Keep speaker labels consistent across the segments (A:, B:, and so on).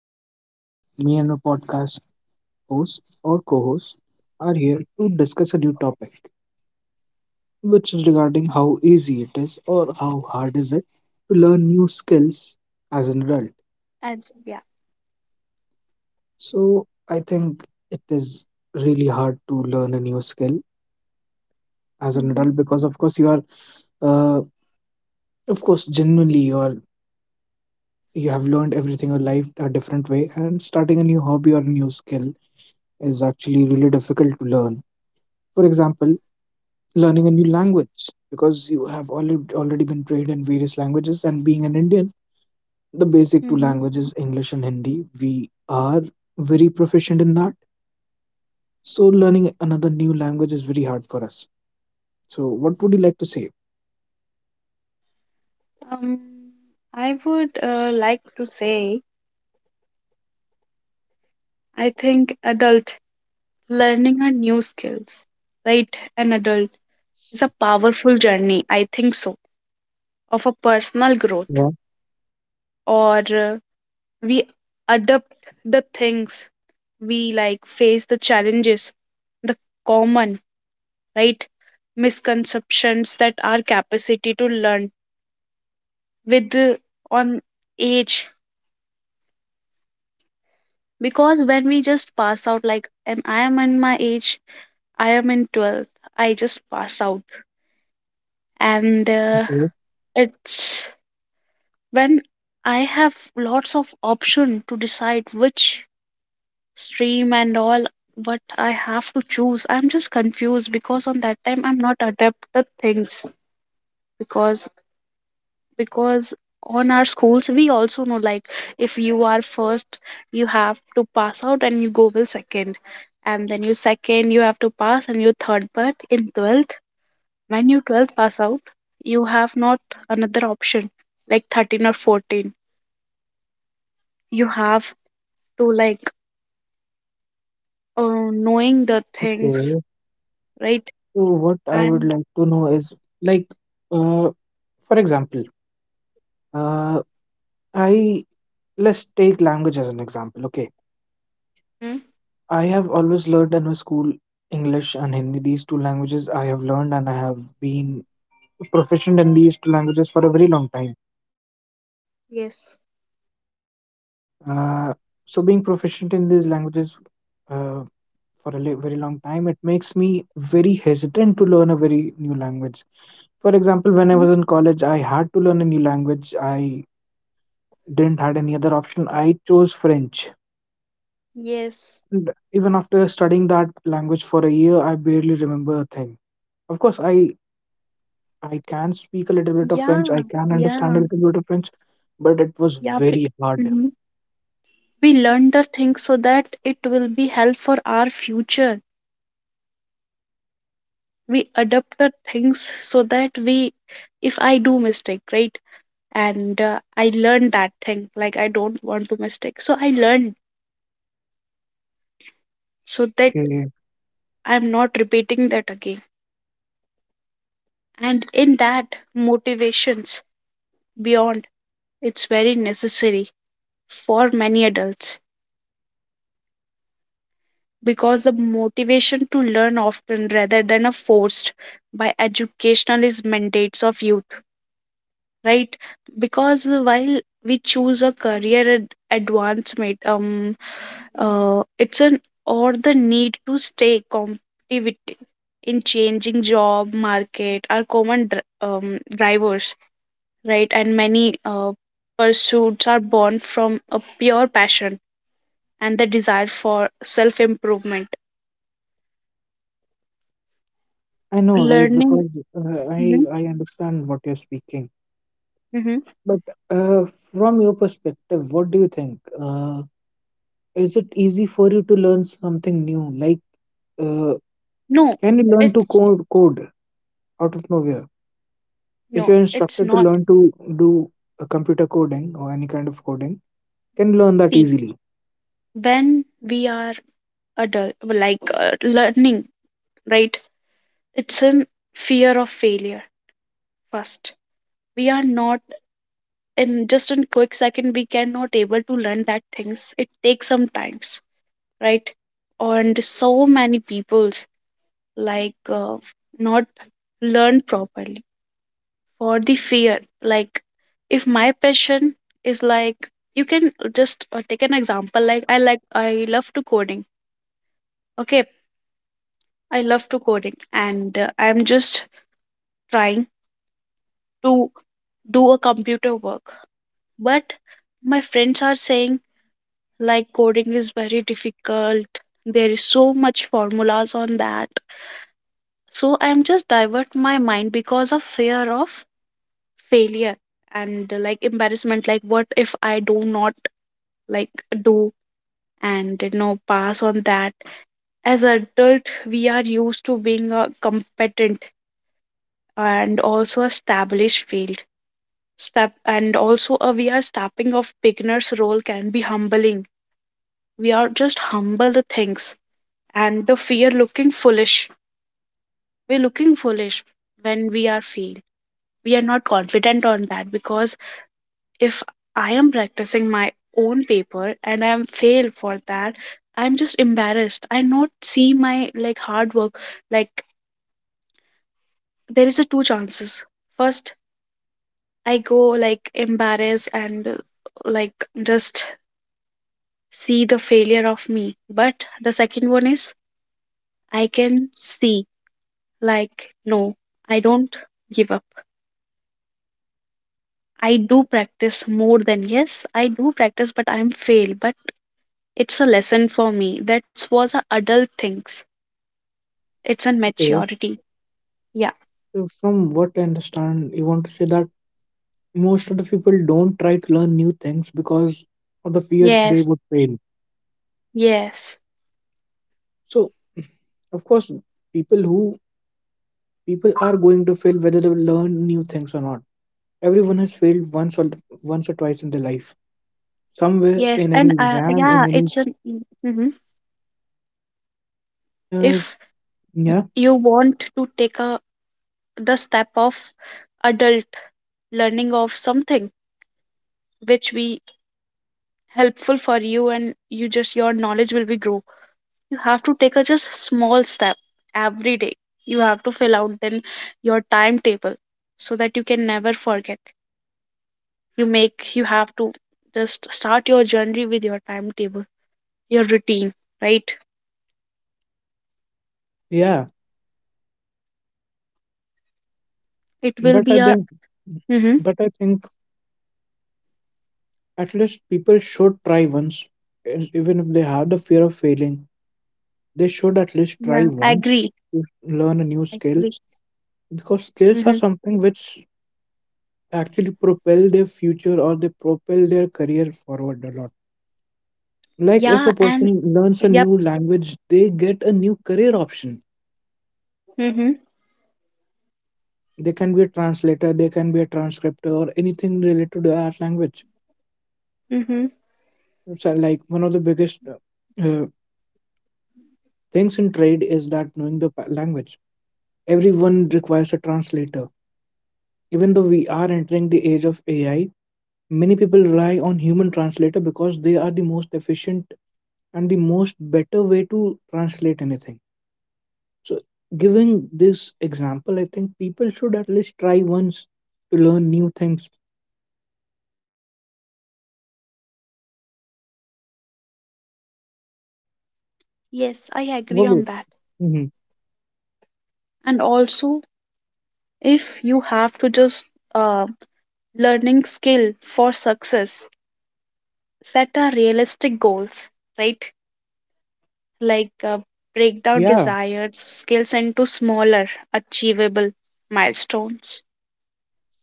A: to our podcast. Me and my podcast host or co host are here to discuss a new topic, which is regarding how easy it is or how hard is it to learn new skills as an adult.
B: And s- yeah.
A: So, I think it is really hard to learn a new skill as an
B: Mm-hmm.
A: adult because, of course, you are uh, of course genuinely you are you have learned everything in life a different way, and starting a new hobby or a new skill is actually really difficult to learn. For example, learning a new language, because you have already been trained in various languages, and being an Indian, the basic two
B: Mm-hmm.
A: languages, English and Hindi, we are very proficient in that. So learning another new language is very hard for us. So what would you like to say?
B: Um, I would like to say, I think adult learning a new skills, right? An adult is a powerful journey. I think so of a personal growth,
A: Yeah.
B: or we adapt the things we like, face the challenges, the common right misconceptions that our capacity to learn with on age. Because when we just pass out, like, and I am in my age, I am in 12th, I just pass out. And
A: Okay.
B: It's when I have lots of option to decide which stream and all what I have to choose. I'm just confused because on that time I'm not adept at things because because on our schools we also know, like, if you are first you have to pass out and you go will second, and then you second you have to pass and you third, but in 12th when you 12th pass out you have not another option like 13 or 14. You have to, like, knowing the things,
A: Okay,
B: right?
A: so what I would
B: And
A: like to know is, like, uh, for example, uh, I let's take language as an example. Okay.
B: Hmm?
A: I have always learned in my school English and Hindi, these two languages I have learned and I have been proficient in these two languages for a very long time.
B: Yes.
A: Uh, so, being proficient in these languages uh, for very long time, it makes me very hesitant to learn a very new language. For example, when I was
B: Mhm.
A: in college, I had to learn a new language. I didn't had any other option. I chose French.
B: Yes.
A: And even after studying that language for a year, I barely remember a thing. Of course, I can speak a little bit of French.
B: Yeah,
A: I can understand a
B: yeah,
A: little bit of French, but it was
B: yeah,
A: very hard.
B: we learn the things so that it will be help for our future. We adapt the things so that we, if I do mistake, right, and I learn that thing, like I don't want to mistake, so I learn so that
A: Okay.
B: I'm not repeating that again. And in that motivations beyond, it's very necessary for many adults, because the motivation to learn often rather than a forced by educational is mandates of youth, right? Because while we choose a career advancement, it's an, or the need to stay competitive in changing job market are common drivers, right? And many pursuits are born from a pure passion and the desire for self improvement
A: I know, right?
B: learning.
A: Because uh, I
B: Mhm,
A: I understand what you're speaking.
B: mhm.
A: But uh, from your perspective, what do you think? Is it easy for you to learn something new? Uh,
B: No,
A: can you learn to
B: it's,
A: code out of nowhere? If
B: no,
A: you're
B: it's
A: instructed to
B: not.
A: learn to do a computer coding or any kind of coding, can you learn that
B: See,
A: easily?
B: when we are adult, like, learning, right, it's in fear of failure first. We are not in just in quick second we cannot able to learn that things. It takes some times, right? And so many people's, like, not learn properly for the fear, like, if my passion is like, you can just take an example, like, I love to coding. Okay, I love to coding, and I'm just trying to do a computer work. But my friends are saying, like, coding is very difficult. There is so much formulas on that. So I'm just divert my mind because of fear of failure, and like embarrassment. Like, what if I do not, like, do and you know pass on that. As adult, we are used to being a competent and also established field step, and also we are stepping of beginner's role, can be humbling. We are just humble the things, and the fear looking foolish, we're looking foolish when we are fail. We are not confident on that because if I am practicing my own paper and I am fail for that, I'm just embarrassed, I not see my, like, hard work. Like, there is a two chances. First, I go like embarrassed and like just see the failure of me. But the second one is I can see, like, no, I don't give up. I do practice more than yes, I do practice, but I'm fail. But it's a lesson for me. That was a adult things. It's a
A: Okay.
B: maturity. Yeah.
A: So from what I understand, you want to say that most of the people don't try to learn new things because of the fear they
B: Yes.
A: would fail.
B: Yes.
A: So of course, people who people are going to fail whether they learn new things or not. Everyone has failed once or twice in their life, somewhere
B: Yes.
A: in any
B: And
A: exam, in
B: yeah,
A: any
B: it's an mhm.
A: mm, uh,
B: If
A: yeah,
B: you want to take a the step of adult learning of something which we helpful for you and you just your knowledge will be grow, you have to take a just small step every day. You have to fill out then your timetable so that you can never forget. You make, you have to just start your journey with your timetable, your routine, right?
A: yeah.
B: It will
A: but i
B: be a
A: think
B: mm-hmm.
A: but I think at least people should try once. And even if they have the fear of failing, they should at least try
B: Yeah, I
A: once
B: agree,
A: to learn a new skill,
B: agree.
A: because skills are
B: Mm-hmm.
A: something which actually propel their future, or they propel their career forward a lot. Like if
B: Yeah,
A: a
B: and
A: person learns a
B: yep.
A: new language, they get a new career option.
B: Mm-hmm.
A: They can be a translator, they can be a transcriptor, or anything related to that language.
B: Mm-hmm.
A: So like one of the biggest uh, things in trade is that knowing the language, everyone requires a translator. Even though we are entering the age of ai, many people rely on human translator because they are the most efficient and the most better way to translate anything. So, giving this example, I think people should at least try once to learn new things.
B: Yes, I agree
A: Wow.
B: on that.
A: Hmm.
B: And also, if you have to just uh. learning skill for success, set a realistic goals, right, like, break down
A: Yeah,
B: desired skills into smaller achievable milestones.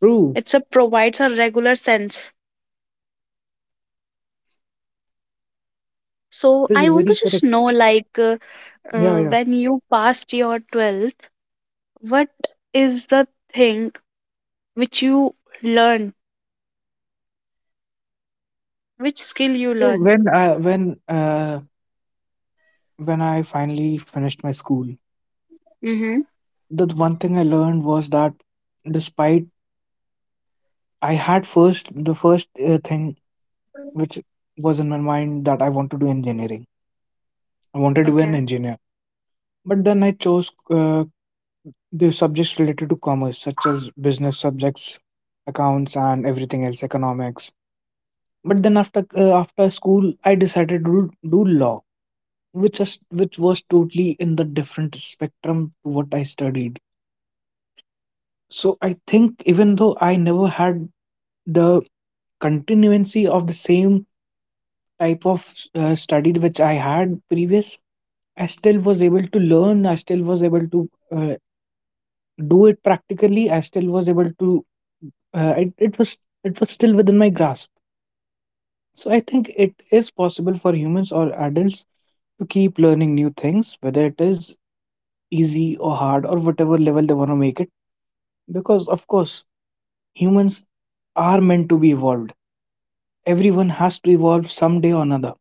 A: true.
B: It's a provides a regular sense. So
A: That is
B: I want to
A: very
B: just
A: correct.
B: know, like,
A: Yeah, yeah.
B: when you passed your 12th, what is the thing which you learn, which skill you
A: So
B: learn?
A: when I finally finished my school,
B: Mm-hmm.
A: the one thing I learned was that despite I had first the first thing which was in my mind that I want to do engineering. I wanted to be
B: Okay.
A: an engineer, but then I chose the subjects related to commerce, such as business subjects, accounts, and everything else, economics. But then after school, I decided to do law, which was totally in the different spectrum to what I studied. So I think even though I never had the continuancy of the same type of study which I had previous, I still was able to learn. I still was able to do it practically, I still was able to. It was it was still within my grasp. So I think it is possible for humans or adults to keep learning new things, whether it is easy or hard or whatever level they want to make it. Because of course, humans are meant to be evolved. Everyone has to evolve someday or another.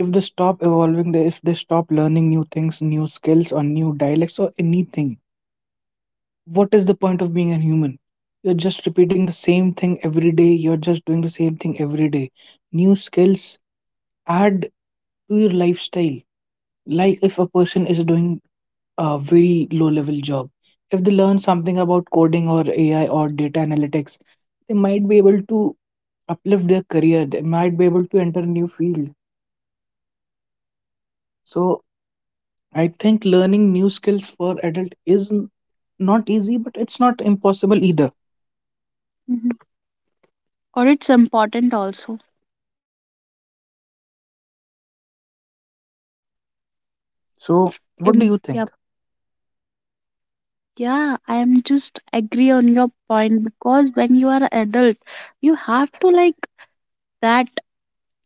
A: If they stop evolving, if they stop learning new things, new skills, or new dialects, or anything, what is the point of being a human? You're just repeating the same thing every day. You're just doing the same thing every day. New skills add to your lifestyle. Like if a person is doing a very low level job, if they learn something about coding or AI or data analytics, they might be able to uplift their career. They might be able to enter a new field. So I think learning new skills for adult is not easy, but it's not impossible either.
B: Hmm, or it's important also.
A: So what do you
B: Yeah.
A: think?
B: Yeah, I'm just agree on your point because when you are adult, you have to, like, that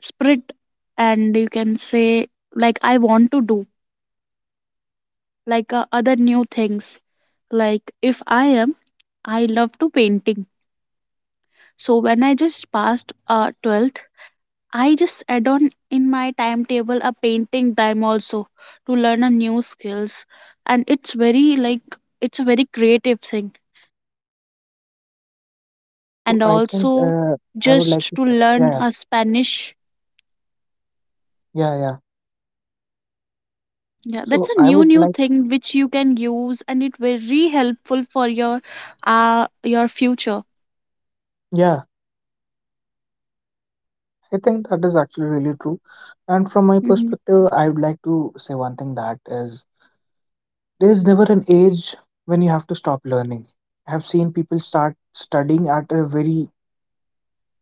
B: spirit, and you can say like I want to do like other new things. Like, if I am, I love to painting. So when I just passed 12th, I just add on in my timetable a painting time also to learn a new skills, and it's very like, it's a very creative thing.
A: So
B: And
A: I think
B: also
A: uh, I would like
B: just
A: to
B: to
A: say,
B: learn
A: yeah,
B: a Spanish.
A: yeah, yeah.
B: Yeah, that's
A: So
B: a
A: I
B: new
A: would
B: new
A: like,
B: thing which you can use, and it very helpful for your future.
A: yeah, I think that is actually really true. And from my
B: Mm-hmm.
A: perspective, I would like to say one thing that is there is never an age when you have to stop learning. I have seen people start studying at a very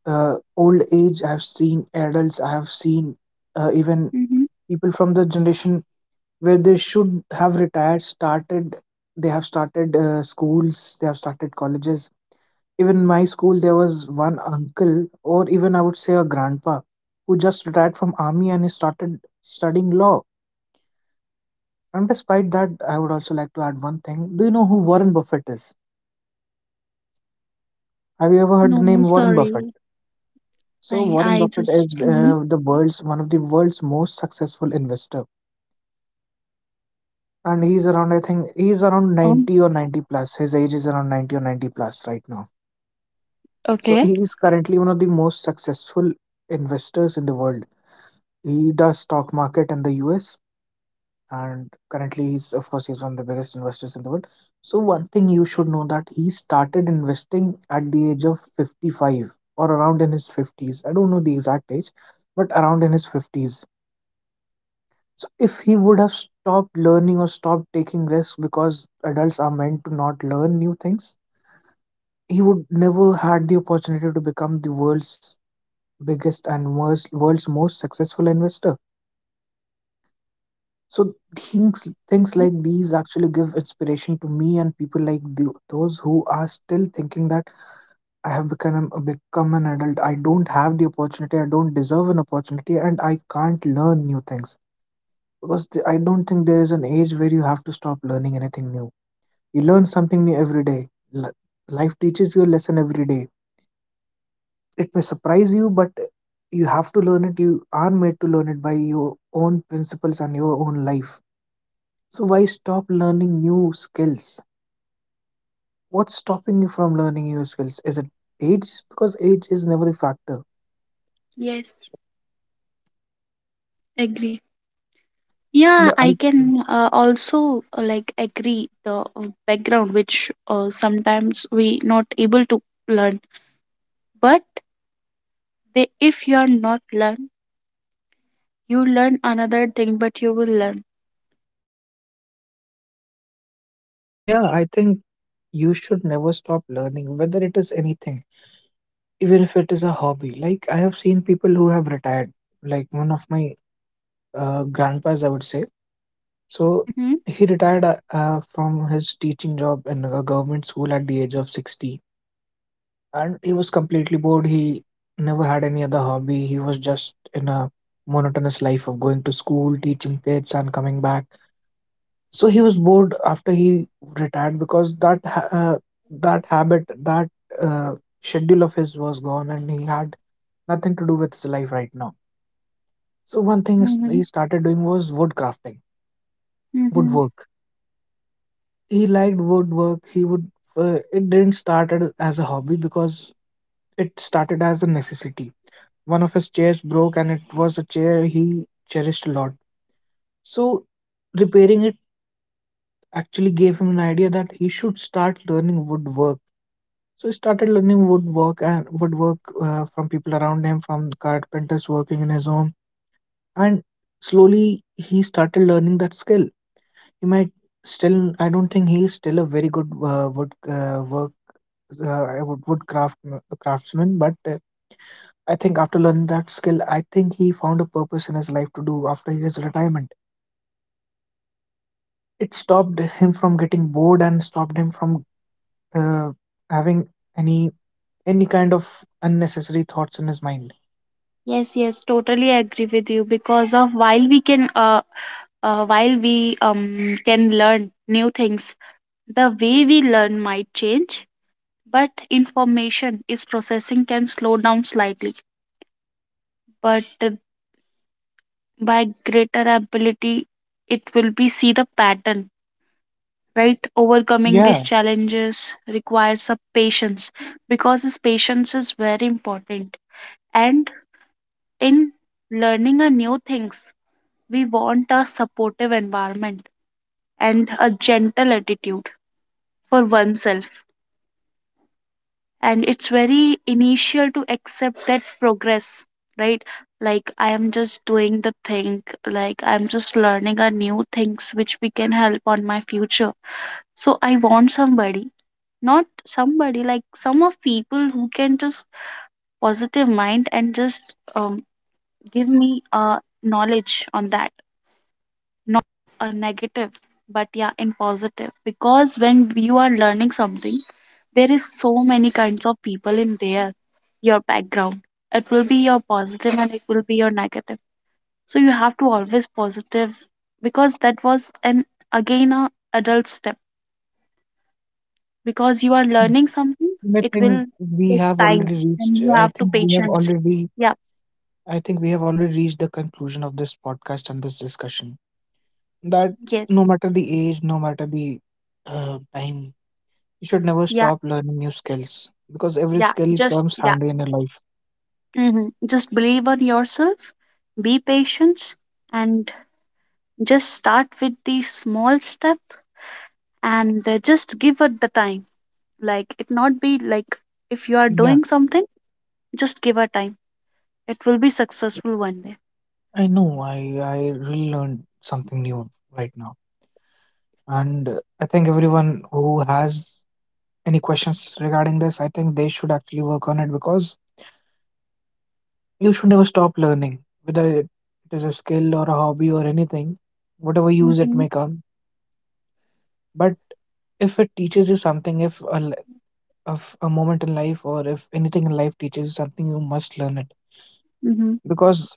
A: old age. I have seen adults. I have seen even
B: Mm-hmm.
A: people from the generation where they should have retired started. They have started schools. They have started colleges. Even in my school, there was one uncle, or even I would say a grandpa, who just retired from army and he started studying law. And despite that, I would also like to add one thing. Do you know who Warren Buffett is? Have you ever heard the
B: No, no,
A: name Warren
B: sorry,
A: Buffett? So
B: I
A: Warren
B: I
A: Buffett
B: just.
A: is
B: Mhm.
A: the world's one of the world's most successful investor, and he's around I think he's around
B: Oh,
A: 90 or 90 plus. His age is around 90 or 90 plus right now. So
B: okay.
A: he is currently one of the most successful investors in the world. He does stock market in the US, and currently he's one of the biggest investors in the world. So one thing you should know, that he started investing at the age of 55 or around in his 50s. I don't know the exact age, but around in his 50s. So if he would have stopped learning or stopped taking risks because adults are meant to not learn new things, he would never had the opportunity to become the world's biggest and most, world's most successful investor. So things like these actually give inspiration to me and people like those who are still thinking that I have become an adult. I don't have the opportunity. I don't deserve an opportunity, and I can't learn new things, because I don't think there is an age where you have to stop learning anything new. You learn something new every day. Life teaches you a lesson every day. It may surprise you, but you have to learn it. You are made to learn it by your own principles and your own life. So why stop learning new skills? What's stopping you from learning new skills? Is it age? Because age is never a factor.
B: Yes, agree. Yeah,
A: No, I
B: I can also like agree the background which sometimes we not able to learn, but they if you are not learn, you learn another thing, but you will learn.
A: yeah, I think you should never stop learning, whether it is anything, even if it is a hobby. Like I have seen people who have retired, like one of my grandpas, I would say. So
B: Mm-hmm.
A: he retired from his teaching job in a government school at the age of 60. And he was completely bored. He never had any other hobby. He was just in a monotonous life of going to school, teaching kids, and coming back. So he was bored after he retired because that habit, that uh, schedule of his was gone, and he had nothing to do with his life right now. So he
B: Mm-hmm.
A: started doing was wood crafting,
B: Mm-hmm.
A: woodwork. He liked woodwork. He would. It didn't started as a hobby because it started as a necessity. One of his chairs broke, and it was a chair he cherished a lot. So, repairing it actually gave him an idea that he should start learning woodwork. So he started learning woodwork from people around him, from carpenters working in his home, and slowly he started learning that skill. He might still. I don't think he's still a very good wood work wood wood craft craftsman, but I think after learning that skill, I think he found a purpose in his life to do after his retirement. It stopped him from getting bored and stopped him from uh, having any any kind of unnecessary thoughts in his mind.
B: Yes, yes, totally agree with you because of while we can learn new things, the way we learn might change, but information is processing can slow down slightly. But by greater ability, it will be see the pattern, right? Overcoming
A: Yeah,
B: these challenges requires a patience because this patience is very important. And in learning a new things, we want a supportive environment and a gentle attitude for oneself, and it's very initial to accept that progress, right? Like, I am just doing the thing, like I'm just learning a new things which we can help on my future. So I want somebody, not somebody like some of people who can just positive mind and just um, give me knowledge on that, or negative, but yeah, in positive. Because when you are learning something, there is so many kinds of people in there, your background. It will be your positive and it will be your negative. So you have to always positive, because that was an again a adult step. Because you are
A: yeah.
B: learning something,
A: I
B: it
A: think
B: will
A: we
B: take
A: have
B: time,
A: already reached.
B: and you
A: I
B: have to
A: think we have
B: patience.
A: already.
B: Yeah,
A: I think we have already reached the conclusion of this podcast and this discussion, that no
B: yes.
A: matter the age, no matter the time, you should never
B: Yeah,
A: stop learning new skills because every
B: yeah.
A: skill
B: Just
A: comes
B: yeah.
A: handy in your life.
B: Hmm. Just believe on yourself, be patient and just start with the small step, and just give it the time. Like, it not be like if you are
A: Yeah,
B: doing something, just give her time. It will be successful one day.
A: I know. I really learned something new right now, and I think everyone who has any questions regarding this, I think they should actually work on it, because you should never stop learning, whether it is a skill or a hobby or anything, whatever use it
B: Mm-hmm.
A: may come. But if it teaches you something, if a of a moment in life, or if anything in life teaches something, you must learn it,
B: Mm-hmm.
A: because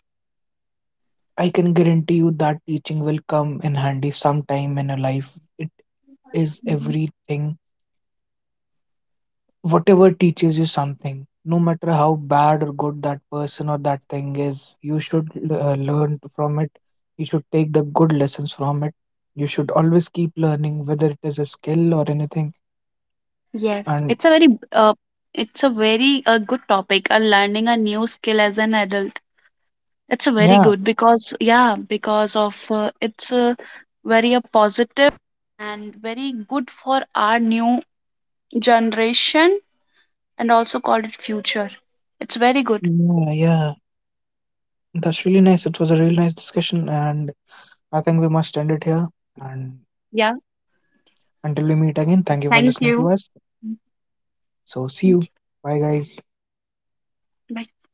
A: I can guarantee you that teaching will come in handy sometime in your life. It is
B: Mm-hmm.
A: everything. Whatever teaches you something, no matter how bad or good that person or that thing is, you should learn from it. You should take the good lessons from it. You should always keep learning, whether it is a skill or anything.
B: Yes,
A: And
B: uh, it's a very good topic. Learning a new skill as an adult. It's a very
A: yeah,
B: good because yeah, because of it's a very a positive and very good for our new generation and also called it future. It's very good.
A: yeah, yeah, that's really nice. It was a really nice discussion, and I think we must end it here. And
B: Yeah.
A: until we meet again,
B: Okay.
A: thank you for
B: Thank
A: listening
B: you.
A: to us.
B: Mm,
A: So, see you.
B: thank
A: Bye, guys.
B: you. Bye.